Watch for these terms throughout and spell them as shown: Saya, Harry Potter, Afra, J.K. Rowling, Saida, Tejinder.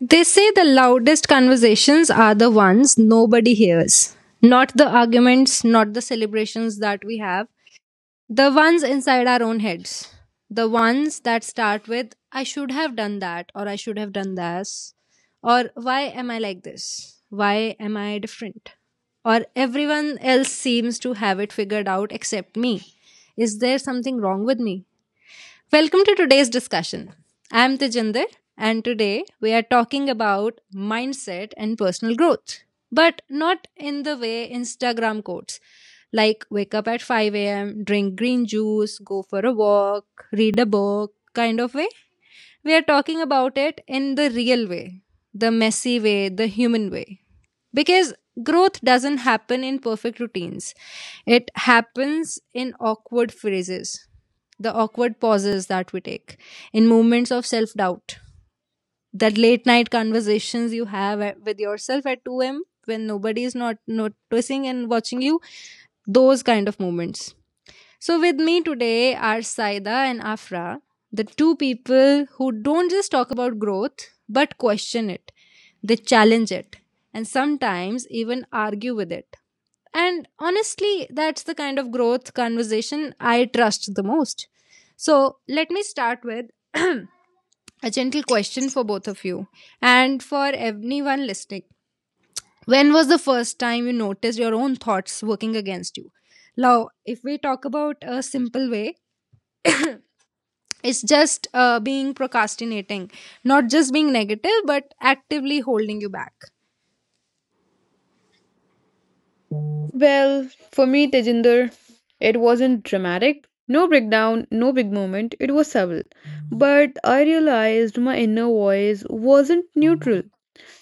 They say the loudest conversations are the ones nobody hears. Not the arguments, not the celebrations that we have, the ones inside our own heads. The ones that start with, I should have done that, or I should have done this, or why am I like this? Why am I different? Or everyone else seems to have it figured out except me. Is there something wrong with me? Welcome to today's discussion. I am Tejinder, and today we are talking about mindset and personal growth, but not in the way Instagram quotes like wake up at 5 a.m., drink green juice, go for a walk, read a book kind of way. We are talking about it in the real way, the messy way, the human way. Because growth doesn't happen in perfect routines, it happens in awkward phrases, the awkward pauses that we take, in moments of self doubt, that late night conversations you have with yourself at 2 a.m. when nobody is not noticing and watching you, those kind of moments. So, with me today are Saida and Afra, the two people who don't just talk about growth but question it, they challenge it, and sometimes even argue with it. And honestly, that's the kind of growth conversation I trust the most. So, let me start with a gentle question for both of you and for anyone listening. When was the first time you noticed your own thoughts working against you? Now, if we talk about a simple way, it's just being procrastinating, not just being negative but actively holding you back. Well, for me, Tejinder, it wasn't dramatic. No breakdown, no big moment. It was subtle. But I realized my inner voice wasn't neutral.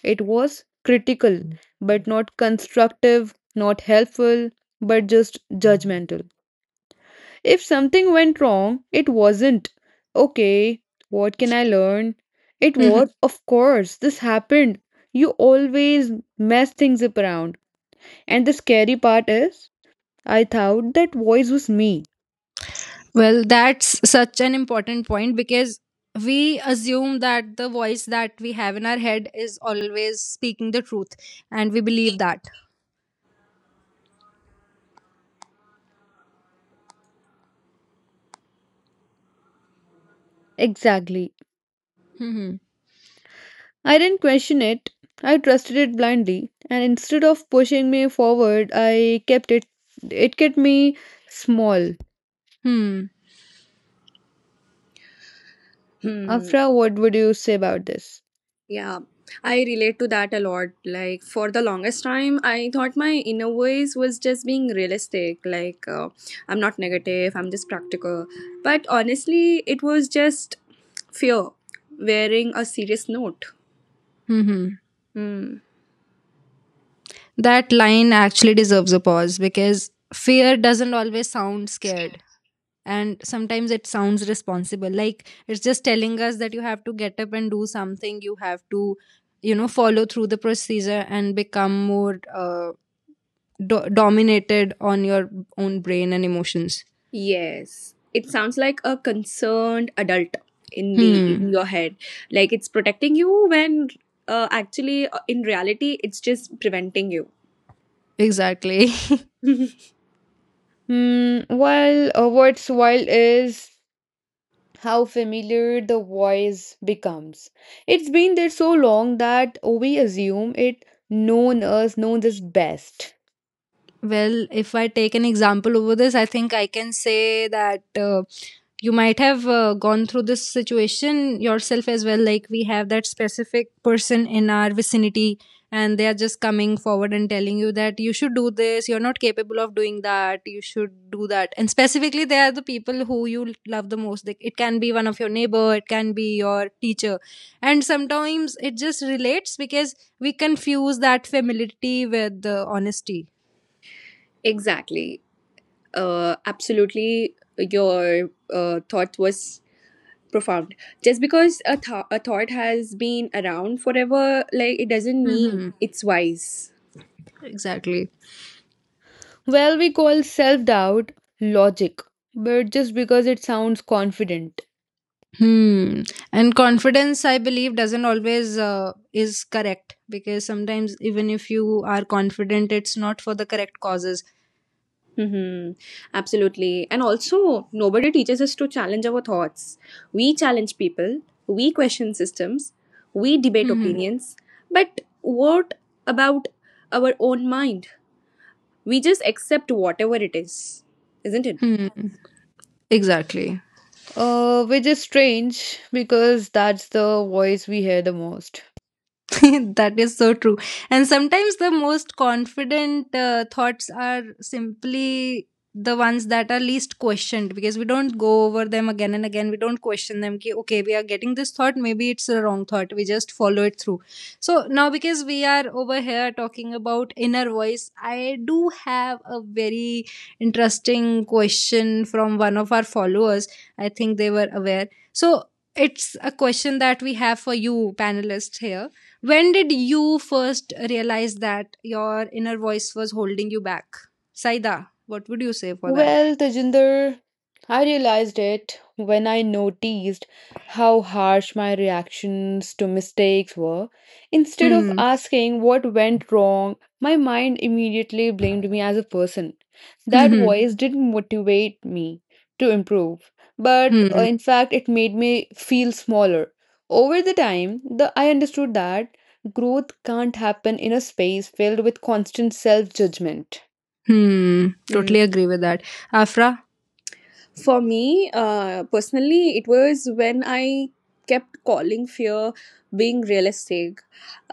It was critical, but not constructive, not helpful, but just judgmental. If something went wrong, it wasn't, okay, what can I learn? It Mhm. was, of course, this happened. You always mess things up around. And the scary part is I thought that voice was me. Well, that's such an important point because we assume that the voice that we have in our head is always speaking the truth, and we believe that Exactly. hmm I didn't question it. I trusted it blindly, and instead of pushing me forward, I kept it. It kept me small. hmm Hmm. Afra, what would you say about this? Yeah, I relate to that a lot. Like, for the longest time, I thought my inner voice was just being realistic. Like, I'm not negative, I'm just practical. But honestly, it was just fear wearing a serious note. hmm Hmm. that line actually deserves a pause, because fear doesn't always sound scared and sometimes it sounds responsible, like it's just telling us that you have to get up and do something. You have to, follow through the procedure and become more dominated on your own brain and emotions. Yes, it sounds like a concerned adult in the in Hmm, your head. Like, it's protecting you when actually, in reality, it's just preventing you. exactly. Hmm. Well, what's wild is how familiar the voice becomes. It's been there so long that we assume it known us knows us best. Well, if I take an example over this, I think I can say that you might have gone through this situation yourself as well. Like, we have that specific person in our vicinity, and they are just coming forward and telling you that you should do this, you're not capable of doing that, you should do that, and specifically they are the people who you love the most. Like, it can be one of your neighbor, it can be your teacher, and sometimes it just relates, because we confuse that familiarity with the honesty. Exactly. Absolutely, your thought was profound. Just because a thought has been around forever, like, it doesn't mean Hmm, it's wise. exactly. Well, we call self doubt logic, but just because it sounds confident, Hmm. And confidence, I believe, doesn't always is correct, because sometimes even if you are confident, it's not for the correct causes. Mm-hmm. Absolutely. And also, nobody teaches us to challenge our thoughts. We challenge people, we question systems, we debate Hmm. opinions, but what about our own mind? We just accept whatever it is, isn't it? Hmm. Hmm. Exactly. Which is strange because that's the voice we hear the most. That is so true. And sometimes the most confident thoughts are simply the ones that are least questioned, because we don't go over them again and again. We don't question them. Ki, okay, we are getting this thought. Maybe it's a wrong thought. We just follow it through. So now, because we are over here talking about inner voice, I do have a very interesting question from one of our followers. I think they were aware. So it's a question that we have for you, panelists here. When did you first realize that your inner voice was holding you back? Saida, what would you say for that? Well, Tejinder, I realized it when I noticed how harsh my reactions to mistakes were. Instead of Hmm. asking what went wrong, my mind immediately blamed me as a person. Hmm. That Hmm. voice didn't motivate me to improve, but Hmm. in fact, it made me feel smaller. Over the time, the I understood that growth can't happen in a space filled with constant self-judgment. Hmm. Totally agree with that. Afra? For me, personally, it was when I kept calling fear being realistic.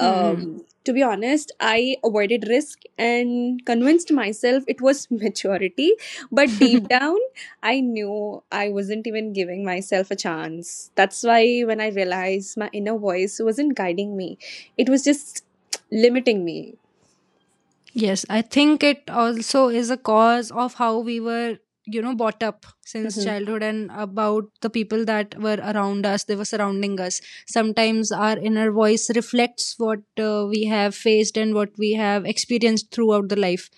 Hmm. To be honest, I avoided risk and convinced myself it was maturity. But Hmm. deep down, I knew I wasn't even giving myself a chance. That's why when I realized my inner voice wasn't guiding me, it was just limiting me. Yes, I think it also is a cause of how we were brought up since Hmm. childhood, and about the people that were around us, they were surrounding us. Sometimes our inner voice reflects what we have faced and what we have experienced throughout the life.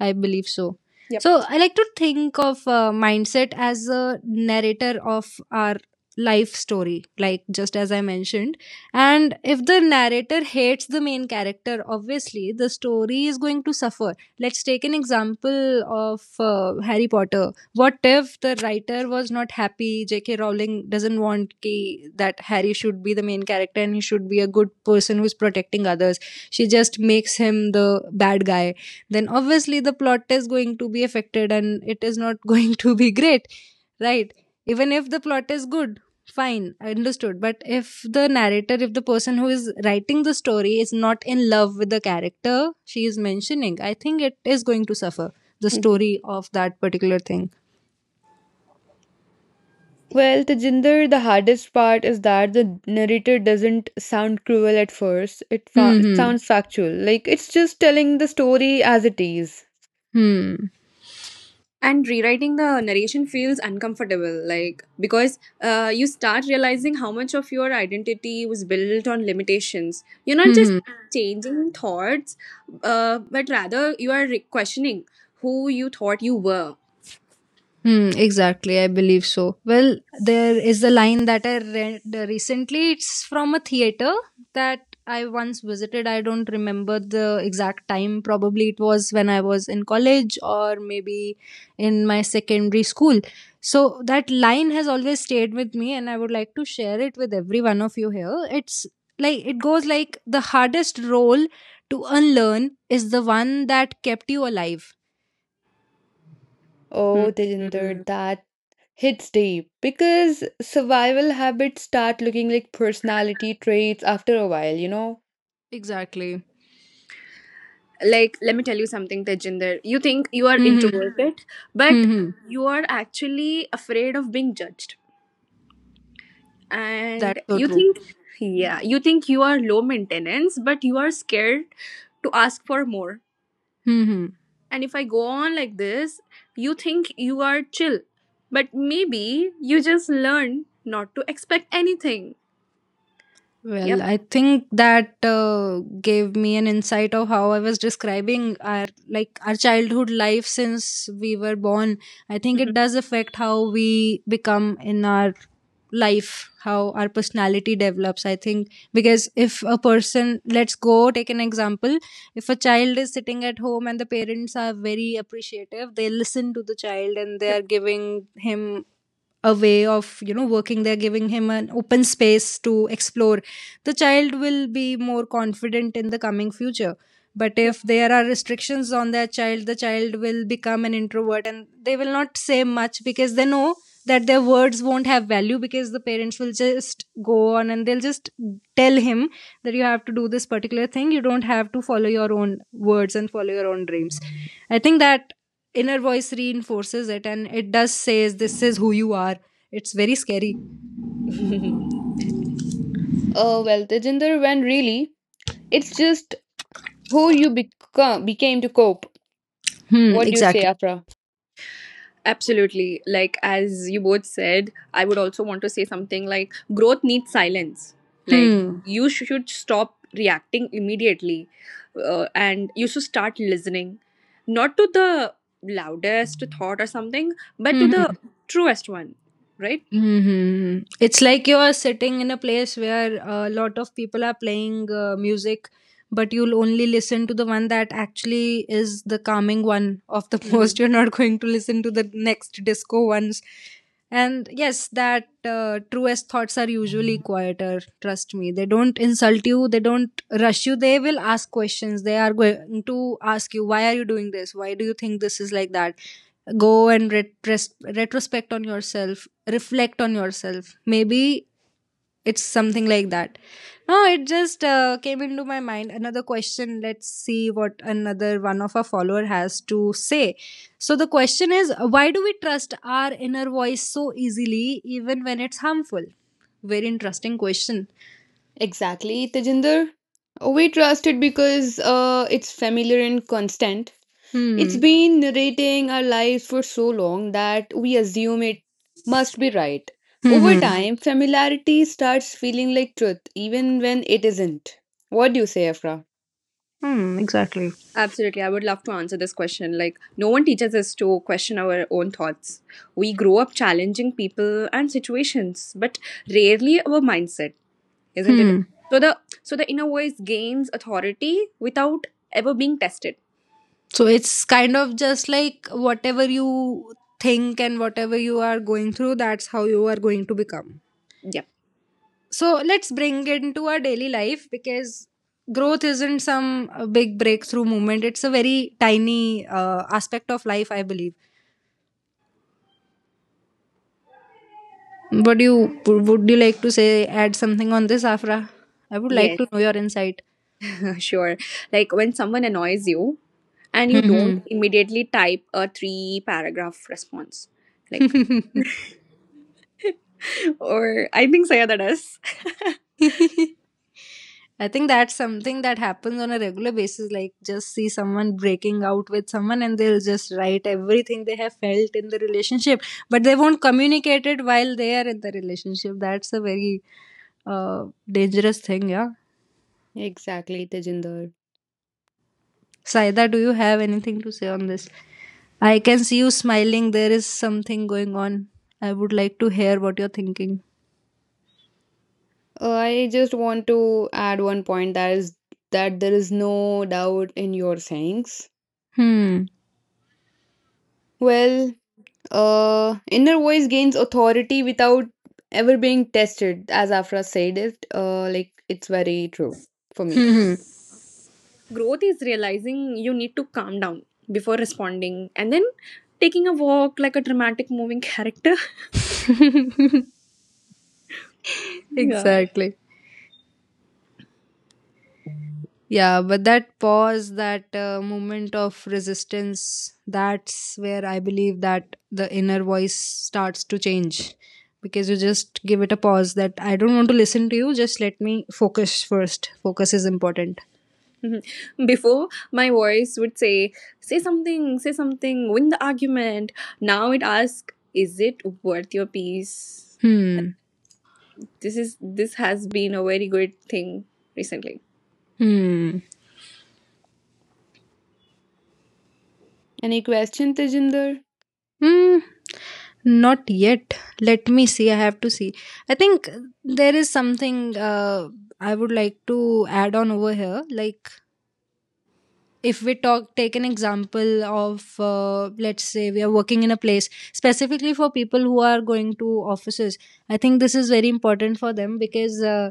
I believe so. Yep. So I like to think of mindset as a narrator of our life story, like just as I mentioned, and if the narrator hates the main character, obviously the story is going to suffer. Let's take an example of Harry Potter. What if the writer was not happy? J.K. Rowling doesn't want ki, that Harry should be the main character and he should be a good person who's protecting others. She just makes him the bad guy. Then obviously the plot is going to be affected, and it is not going to be great, right? Even if the plot is good, fine, understood, but if the narrator, if the person who is writing the story is not in love with the character she is mentioning, I think it is going to suffer the Mm-hmm. story of that particular thing. Well, Tejinder, the hardest part is that the narrator doesn't sound cruel at first. Hmm, It hmm, sounds factual. Like it's just telling the story as it is. hmm, hmm, And rewriting the narration feels uncomfortable, like, because you start realizing how much of your identity was built on limitations. You're not hmm, just hmm. changing thoughts, but rather you are questioning who you thought you were. Hmm, exactly. I believe so. Well, there is a line that I read recently. It's from a theater that I once visited. I don't remember the exact time. Probably it was when I was in college or maybe in my secondary school. So that line has always stayed with me, and I would like to share it with every one of you here. It's like it goes like, the hardest role to unlearn is the one that kept you alive. Oh, Tejinder, Mhm. that hits deep because survival habits start looking like personality traits after a while, you know? Exactly. Like, let me tell you something, Tejinder. You think you are Hmm. Hmm. introverted, but Hmm, hmm. you are actually afraid of being judged. That's And so you true. think, yeah, you think you are low maintenance, but you are scared to ask for more. Hmm. And if I go on like this, you think you are chill, but maybe you just learn not to expect anything. Well, Yep. I think that gave me an insight of how I was describing our childhood life since we were born. I think it Mhm. does affect how we become in our life, how our personality develops. I think, because if a person, let's go take an example, if a child is sitting at home and the parents are very appreciative, they listen to the child and they Yep. are giving him a way of working there, giving him an open space to explore, the child will be more confident in the coming future. But Yep. if there are restrictions on their child, the child will become an introvert and they will not say much, because they know that their words won't have value, because the parents will just go on and they'll just tell him that you have to do this particular thing, you don't have to follow your own words and follow your own dreams. I think that inner voice reinforces it, and it does says this is who you are. It's very scary. Oh, well, Tejinder, when really it's just who you become became to cope. Hmm, What do you say, exactly. Afra? Absolutely. Like, as you both said, I would also want to say something like growth needs silence. Like, Hmm. you should stop reacting immediately and you should start listening, not to the loudest thought or something, but to the Hmm. truest one, right? Hmm. It's like you are sitting in a place where a lot of people are playing music, but you'll only listen to the one that actually is the calming one of the most. You're Hmm. not going to listen to the next disco ones. And yes, that truest thoughts are usually quieter. Trust me. They don't insult you, they don't rush you, they will ask questions, they are going to ask you, why are you doing this, why do you think this is like that, go and retrospect on yourself, reflect on yourself, maybe it's something like that. No, it just came into my mind another question. Let's see what another one of our follower has to say. So the question is, why do we trust our inner voice so easily even when it's harmful? Very interesting question. Exactly, Tejinder. We trust it because it's familiar and constant. It's Hmm, been narrating our lives for so long that we assume it must be right. hmm, Over Hmm. hmm, time, familiarity starts feeling like truth, even when it isn't. What do you say, Afra? hmm, exactly. Absolutely. I would love to answer this question. Like, no one teaches us to question our own thoughts. We grow up challenging people and situations, but rarely our mindset. Isn't it? Hmm. So the so the inner voice gains authority without ever being tested. So it's kind of just like whatever you think and whatever you are going through, that's how you are going to become. Yep. So let's bring it into our daily life, because growth isn't some big breakthrough moment. It's a very tiny aspect of life, I believe. But you would you like to say? Add something on this, Afra? I would like Yes, to know your insight. sure. Like when someone annoys you and you don't Hmm. immediately type a three paragraph response. Like, Hmm. or I think Saya that does. I think that's something that happens on a regular basis. Like, just see someone breaking out with someone and they'll just write everything they have felt in the relationship, but they won't communicate it while they are in the relationship. That's a very uh, dangerous thing, yeah. Exactly, Tejinder. Saida, do you have anything to say on this? I can see you smiling. There is something going on. I would like to hear what you're thinking. I just want to add one point that is that there is no doubt in your sayings. Hmm. Well, inner voice gains authority without ever being tested, as Afra said it. Like it's very true for me. Growth is realizing you need to calm down before responding and then taking a walk like a dramatic moving character. Yeah. Exactly. Yeah, but that pause, that moment of resistance, that's where I believe that the inner voice starts to change, because you just give it a pause, that I don't want to listen to you, just let me focus first. Focus is important. Before, my voice would say, say something, win the argument. Now it asks, is it worth your peace? Like, Hmm. this has been a very good thing recently. Hmm. Any question, Tejinder? Hmm. Not yet. Let me see. I have to see. I think there is something I would like to add on over here. Like, if we talk take an example of let's say we are working in a place specifically for people who are going to offices. I think this is very important for them because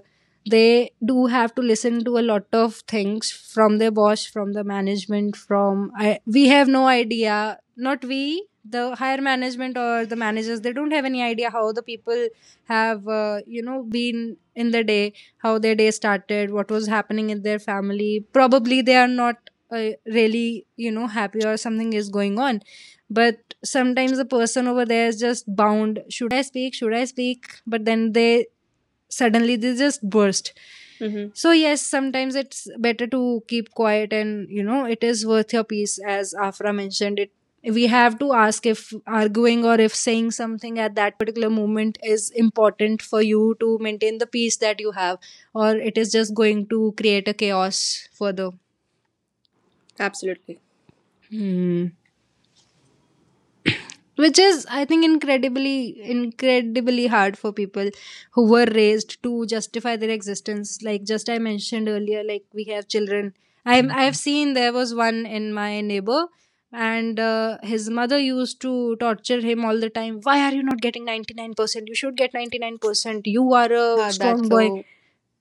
they do have to listen to a lot of things from their boss, from the management, from I, we have no idea. Not we, the higher management or the managers, they don't have any idea how the people have been in the day, how their day started, what was happening in their family. Probably they are not really, happy, or something is going on. But sometimes the person over there is just bound. Should I speak? Should I speak? But then they, suddenly they just burst. Mm-hmm. So yes, sometimes it's better to keep quiet, and it is worth your peace. As Afra mentioned it, we have to ask if arguing or if saying something at that particular moment is important for you to maintain the peace that you have, or it is just going to create a chaos further. Absolutely. Hmm. Which is, I think, incredibly, incredibly hard for people who were raised to justify their existence. Like, just I mentioned earlier, like we have children. I have seen there was one in my neighbor, and his mother used to torture him all the time. Why are you not getting 99%? You should get 99%? You are a Ah, that's strong boy. so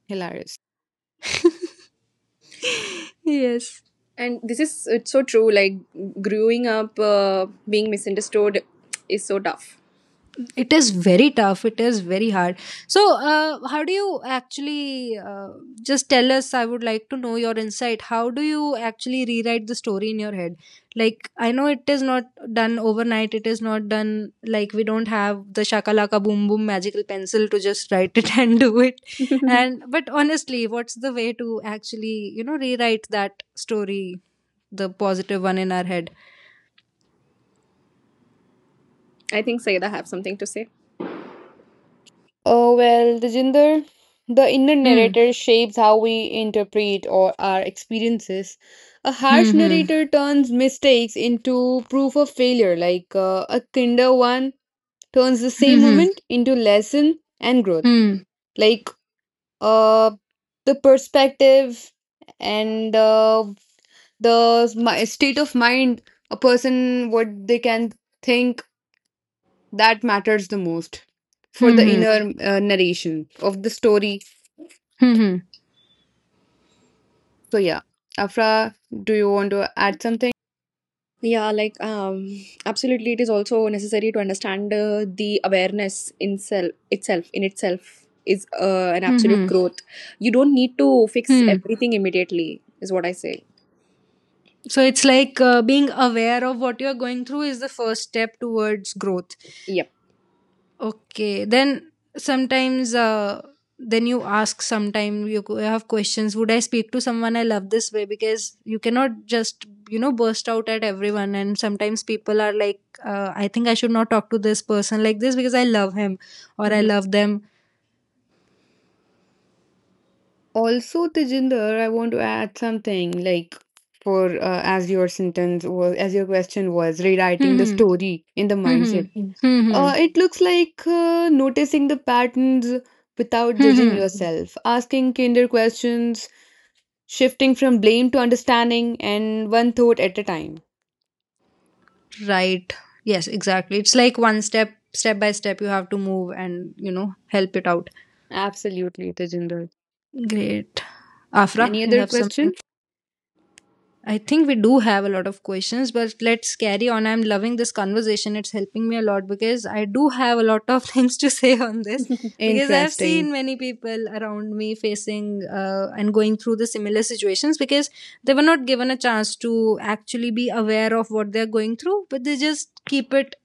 hilarious. Yes, And it's so true. Like, growing up, being misunderstood is so tough. it is very tough. It is very hard. So, how do you actually just tell us? I would like to know your insight. How do you actually rewrite the story in your head? Like, I know it is not done overnight. It is not done like, we don't have the shakalaka boom boom magical pencil to just write it and do it. And but honestly, what's the way to actually rewrite that story, the positive one in our head? I think Saida have something to say. Oh, well, Tejinder, the inner Hmm. narrator shapes how we interpret or our experiences. A Hmm. harsh Hmm. narrator turns mistakes into proof of failure, like a kinder one turns the same Hmm. moment into lesson and growth. Hmm. Hmm. Like uh, the perspective and the state of mind a person what they can think that matters the most for Hmm. the Hmm. inner narration of the story. hmm. So yeah, Afra, do you want to add something? Yeah, like, absolutely, it is also necessary to understand the awareness in itself is an absolute Mm-hmm. growth. You don't need to fix Hmm. everything immediately, is what I say. So it's like being aware of what you're going through is the first step towards growth. Yep. Okay. Then sometimes, then you ask. Sometimes you have questions. Would I speak to someone I love this way? Because you cannot just burst out at everyone. And sometimes people are like, I think I should not talk to this person like this because I love him or I Hmm. love them. Also, Tejinder, I want to add something like for as your sentence was as your question was rewriting the Hmm. story in the Hmm. Hmm. mindset. Mm. Hmm. It looks like noticing the patterns without Hmm. judging Hmm. yourself, asking kinder questions, shifting from blame to understanding, and one thought at a time. Right. Yes, exactly. It's like one step, step by step, you have to move and, help it out. Absolutely, Tejinder. Great. Afra, Any you other have something? question? I think we do have a lot of questions, but let's carry on. I'm loving this conversation. It's helping me a lot because I do have a lot of things to say on this because I have Interesting. seen many people around me facing and going through the similar situations because they were not given a chance to actually be aware of what they're going through, but they just keep it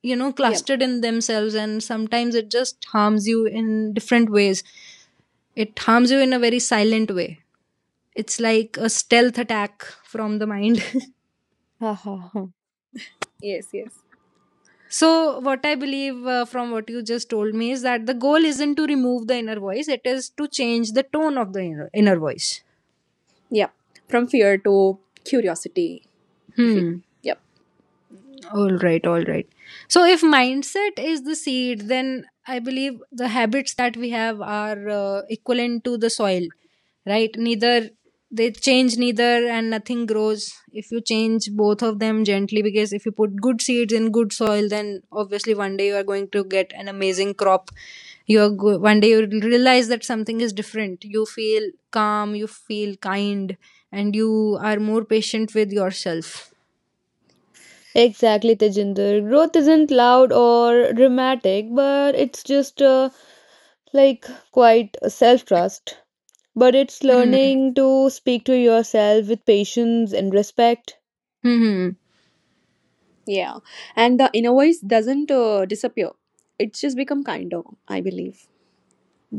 Yep. clustered in themselves. And sometimes it just harms you in different ways. It harms you in a very silent way. It's like a stealth attack from the mind. Ha ha ha. Yes. Yes. So what I believe, from what you just told me, is that the goal isn't to remove the inner voice, it is to change the tone of the inner voice. Yep. From fear to curiosity, if it. Hmm. Yep. All right, all right. So, if mindset is the seed, then I believe the habits that we have are equivalent to the soil, right? Neither they change, neither, and nothing grows if you change both of them gently. Because if you put good seeds in good soil, then obviously one day you are going to get an amazing crop. One day you realize that something is different. You feel calm, you feel kind, and you are more patient with yourself. Exactly, Tejinder. Growth isn't loud or dramatic, but it's just like quite self trust. But it's Hmm. learning to speak to yourself with patience and respect. Hmm. hmm. Yeah, and the inner voice doesn't disappear. It's just become kinder, I believe.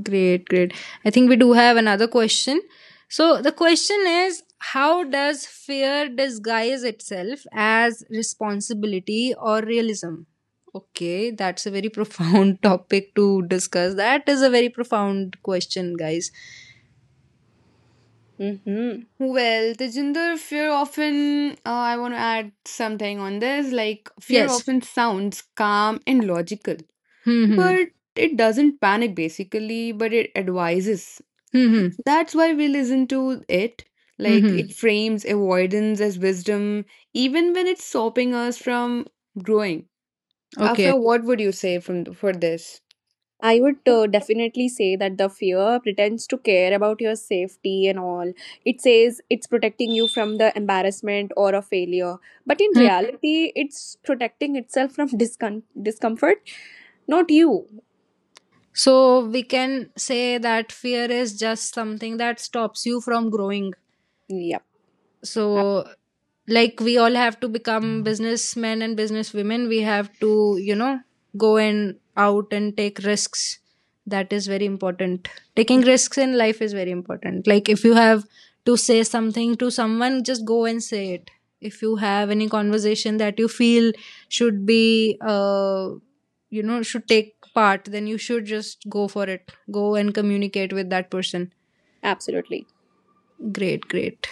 Great, great. I think we do have another question. So the question is, how does fear disguise itself as responsibility or realism? Okay, that's a very profound topic to discuss. That is a very profound question, guys. Mm-hmm. Well, Tejinder, fear often, I want to add something on this. Like, fear Yes. often sounds calm and logical, Hmm. Hmm. but it doesn't panic basically, but it advises. Hmm. hmm. That's why we listen to it. Hmm, Like hmm. it frames avoidance as wisdom, even when it's stopping us from growing. Afra, Okay. what would you say from for this? I would definitely say that the fear pretends to care about your safety and all. It says it's protecting you from the embarrassment or a failure. But in Hmm. reality, it's protecting itself from discomfort, not you. So we can say that fear is just something that stops you from growing. Yep, ab- So like, we all have to become businessmen and businesswomen. We have to go and out and take risks. That is very important. Taking risks in life is very important. Like if you have to say something to someone, just go and say it. If you have any conversation that you feel should be should take part, then you should just go for it. Go and communicate with that person. absolutely. Great, great.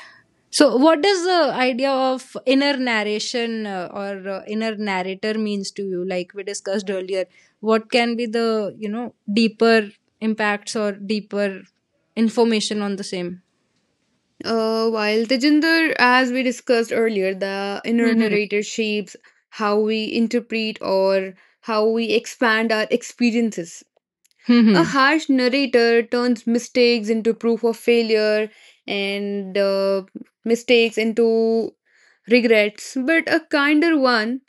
So, what does the idea of inner narration or inner narrator means to you? Like we discussed earlier, what can be the deeper impacts or deeper information on the same? While Tejinder, as we discussed earlier, the inner Mm-hmm. narrator shapes how we interpret or how we expand our experiences. A Mm-hmm. harsh narrator turns mistakes into proof of failure and mistakes into regrets, but a kinder one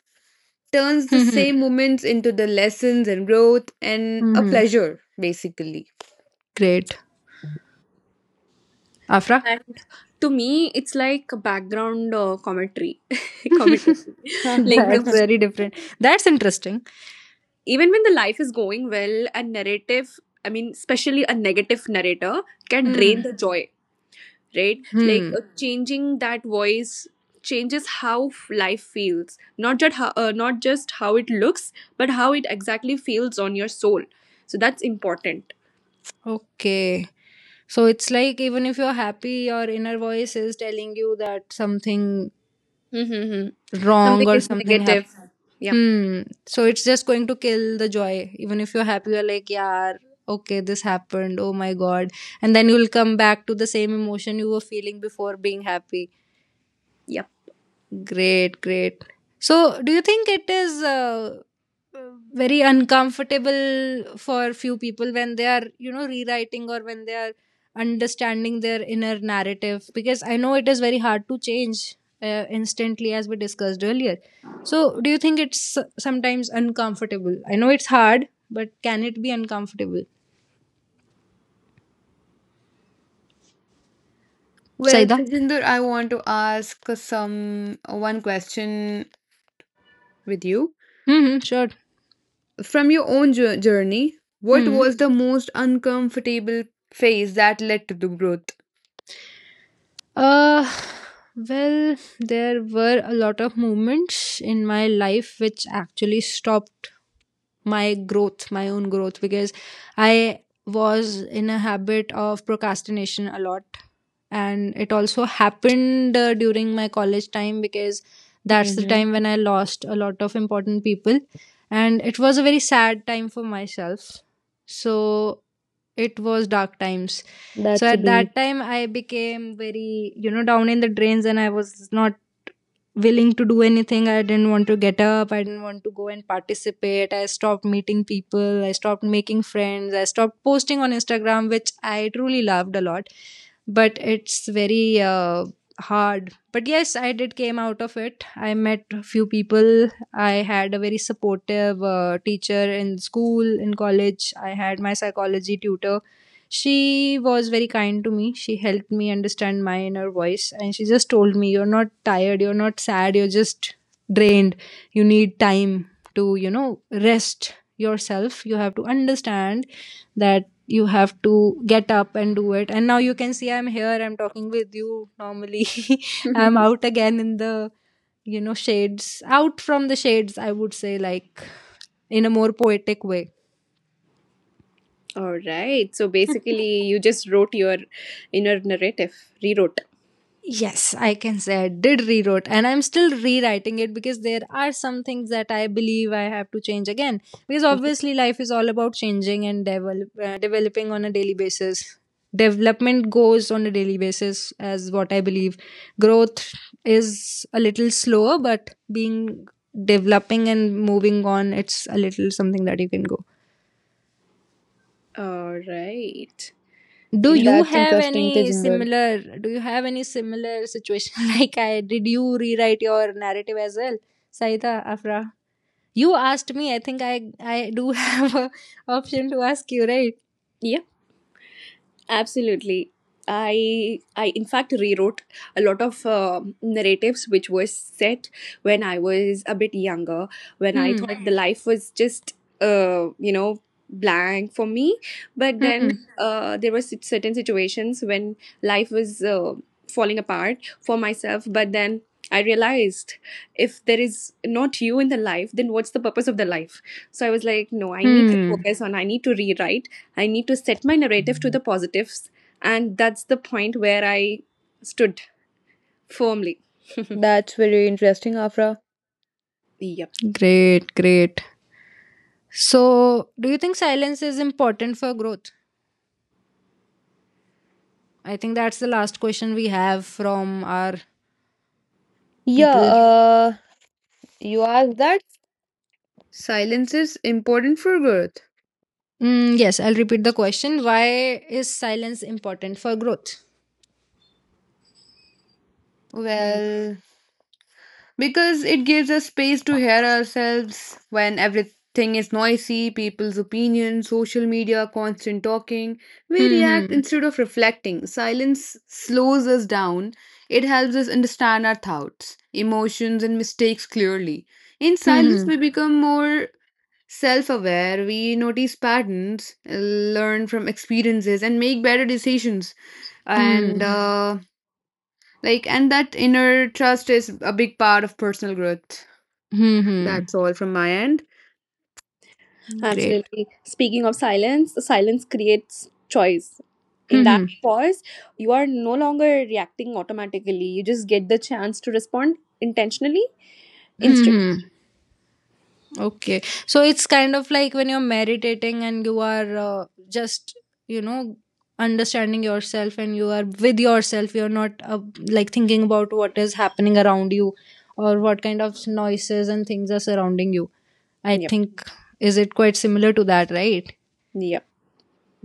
turns the Mm-hmm. same moments into the lessons and growth and a Mm-hmm. pleasure, basically. Great, Afra. And to me, it's like a background commentary. Commentary. Like, That's very different. That's interesting. even when the life is going well, a narrative, I mean, especially a negative narrator, can drain Hmm. the joy, right? Like, Hmm. Mhm. Changing that voice changes life feels. Not just how it looks, but how it exactly feels on your soul, so that's important. Okay. So it's like, even if you're happy, your inner voice is telling you that something Mm-hmm. wrong Something or is something negative. happened. Yep. Hmm. So it's just going to kill the joy. Even if you're happy, you're like, yeah, okay, this happened. Oh my God. And then you'll come back to the same emotion you were feeling before being happy. Yep. Great, great. So, do you think it is uh, very uncomfortable for few people when they are, rewriting or when they are understanding their inner narrative? Because I know it is very hard to change instantly, as we discussed earlier. So, do you think it's sometimes uncomfortable? I know it's hard, but can it be uncomfortable? Well, Saida? Tejinder, I want to ask some one question with you. Mm-hmm, sure. From your own journey, what Hmm. was the most uncomfortable phase that led to the growth? Uh, well, there were a lot of moments in my life which actually stopped my growth, my own growth, because I was in a habit of procrastination a lot. And it also happened during my college time because that's the hmm time when I lost a lot of important people. And it was a very sad time for myself. So it was dark times. So That's a at that time, I became very, down in the drains, and I was not willing to do anything. I didn't want to get up. I didn't want to go and participate. I stopped meeting people. I stopped making friends. I stopped posting on Instagram, which I truly loved a lot. But it's very hard. But yes, I did came out of it. I met a few people. I had a very supportive teacher in school, in college. I had my psychology tutor. She was very kind to me. She helped me understand my inner voice. And she just told me, "You're not tired, you're not sad, you're just drained. You need time to, rest yourself. You have to understand that you have to get up and do it." And now you can see I'm here, I'm talking with you normally. I'm out again in the shades, out from the shades, I would say, like in a more poetic way. All right, so basically you just wrote your inner narrative, rewrote. Yes, I can say I did rewrote, and I'm still rewriting it because there are some things that I believe I have to change again because Mhm. obviously life is all about changing and developing on a daily basis. Development goes on a daily basis, as what I believe. Growth is a little slower, but being developing and moving on, it's a little something that you can go. All right, do B. interesting. you That's have interesting, any Tejinder. similar do you have any similar situation like I did? You rewrite your narrative as well, Saita, Afra? You asked me, I think I do have a option to ask you, right? Yeah. Absolutely. I in fact rewrote a lot of narratives which were set when I was a bit younger, when I Hmm. thought the life was just uh, you know blank for me. But then Hmm. There were certain situations when life was falling apart for myself. But then I realized, if there is not you in the life, then what's the purpose of the life? So I was like, no, Hmm. I need to rewrite, I need to set my narrative to the positives. And that's the point where I stood firmly. That's very interesting, Afra. Yep. Great, great. So do you think silence is important for growth? I think that's the last question we have from our Yeah, people. You asked that. Silence is important for growth. Yes, I'll repeat the question. Why is silence important for growth? Hmm. Well, because it gives us space to hear ourselves when everything is noisy, people's opinions, social media, constant talking, we Hmm. react Hmm. instead of reflecting. Silence slows us down, it helps us understand our thoughts, emotions and mistakes clearly. In Hmm. silence Hmm. we become more self-aware, we notice patterns, learn from experiences and make better decisions, and Hmm. Like and that inner trust is a big part of personal growth. Hmm. hmm. That's all from my end. Great. Absolutely. Speaking of silence, silence creates choice. In Hmm. that Hmm. pause, you are no longer reacting automatically. You just get the chance to respond intentionally, Hmm. instead. hmm. Okay. So it's kind of like when you're meditating and you are just, you know, understanding yourself and you are with yourself. You're not like thinking about what is happening around you or what kind of noises and things are surrounding you. I Yep. think, is it quite similar to that, right? Yep.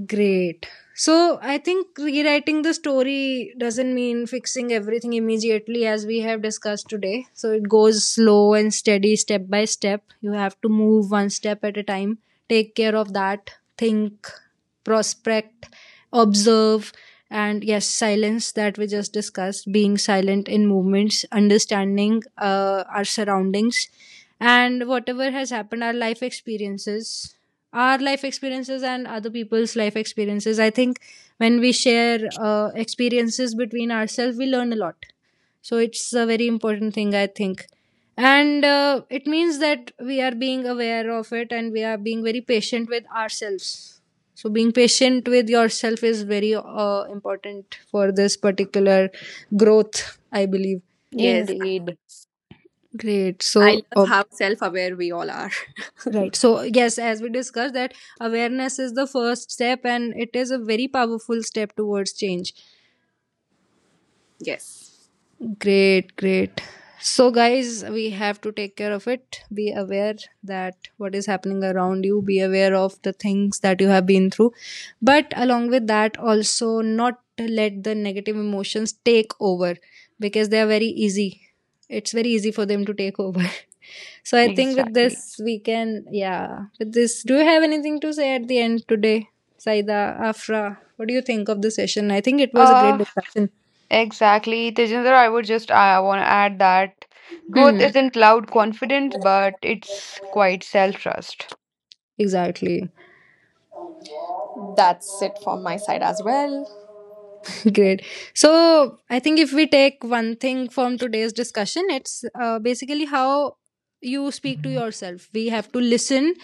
Great. So I think rewriting the story doesn't mean fixing everything immediately, as we have discussed today. So it goes slow and steady, step by step. You have to move one step at a time. Take care of that, think, prospect, observe, and yes, silence that we just discussed, being silent in movements, understanding our surroundings, and whatever has happened, our life experiences, and other people's life experiences. I think when we share experiences between ourselves, we learn a lot. So it's a very important thing, I think. And it means that we are being aware of it and we are being very patient with ourselves. So being patient with yourself is very important for this particular growth, I believe. Yes, Indeed, Great. I So, love how self aware we all are. right. So, yes, as we discussed, that awareness is the first step and it is a very powerful step towards change. Yes. Great, great. So, guys, we have to take care of it. Be aware that what is happening around you, be aware of the things that you have been through. But along with that, also not let the negative emotions take over because they are very easy. It's very easy for them to take over. So, I think with exactly. this, we can, yeah, with this, do you have anything to say at the end today, Saida, Afra? What do you think of the session? I think it was a great Uh, discussion. exactly. Tejinder, I would just I want to add that growth Hmm, isn't loud confidence, but it's quite self-trust. exactly. That's it from my side as well. Great. So, I think if we take one thing from today's discussion, it's basically how you speak to yourself. We have to listen,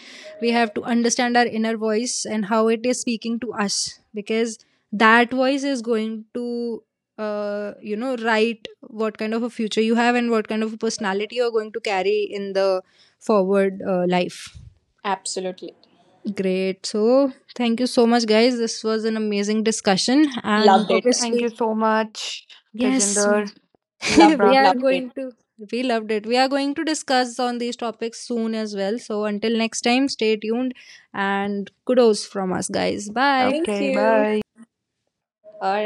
we have to understand our inner voice and how it is speaking to us because that voice is going to, write what kind of a future you have and what kind of a personality you're going to carry in the forward life. Absolutely. Great. So, thank you so much, guys. This was an amazing discussion, and Loved it. Thank you obviously, so much, yes, Tejinder and Loved we it. Afra. are Loved it. going to. We loved it. We are going to discuss on these topics soon as well. So until next time, stay tuned and kudos from us, guys. Bye. Thank Okay, you. bye. All right.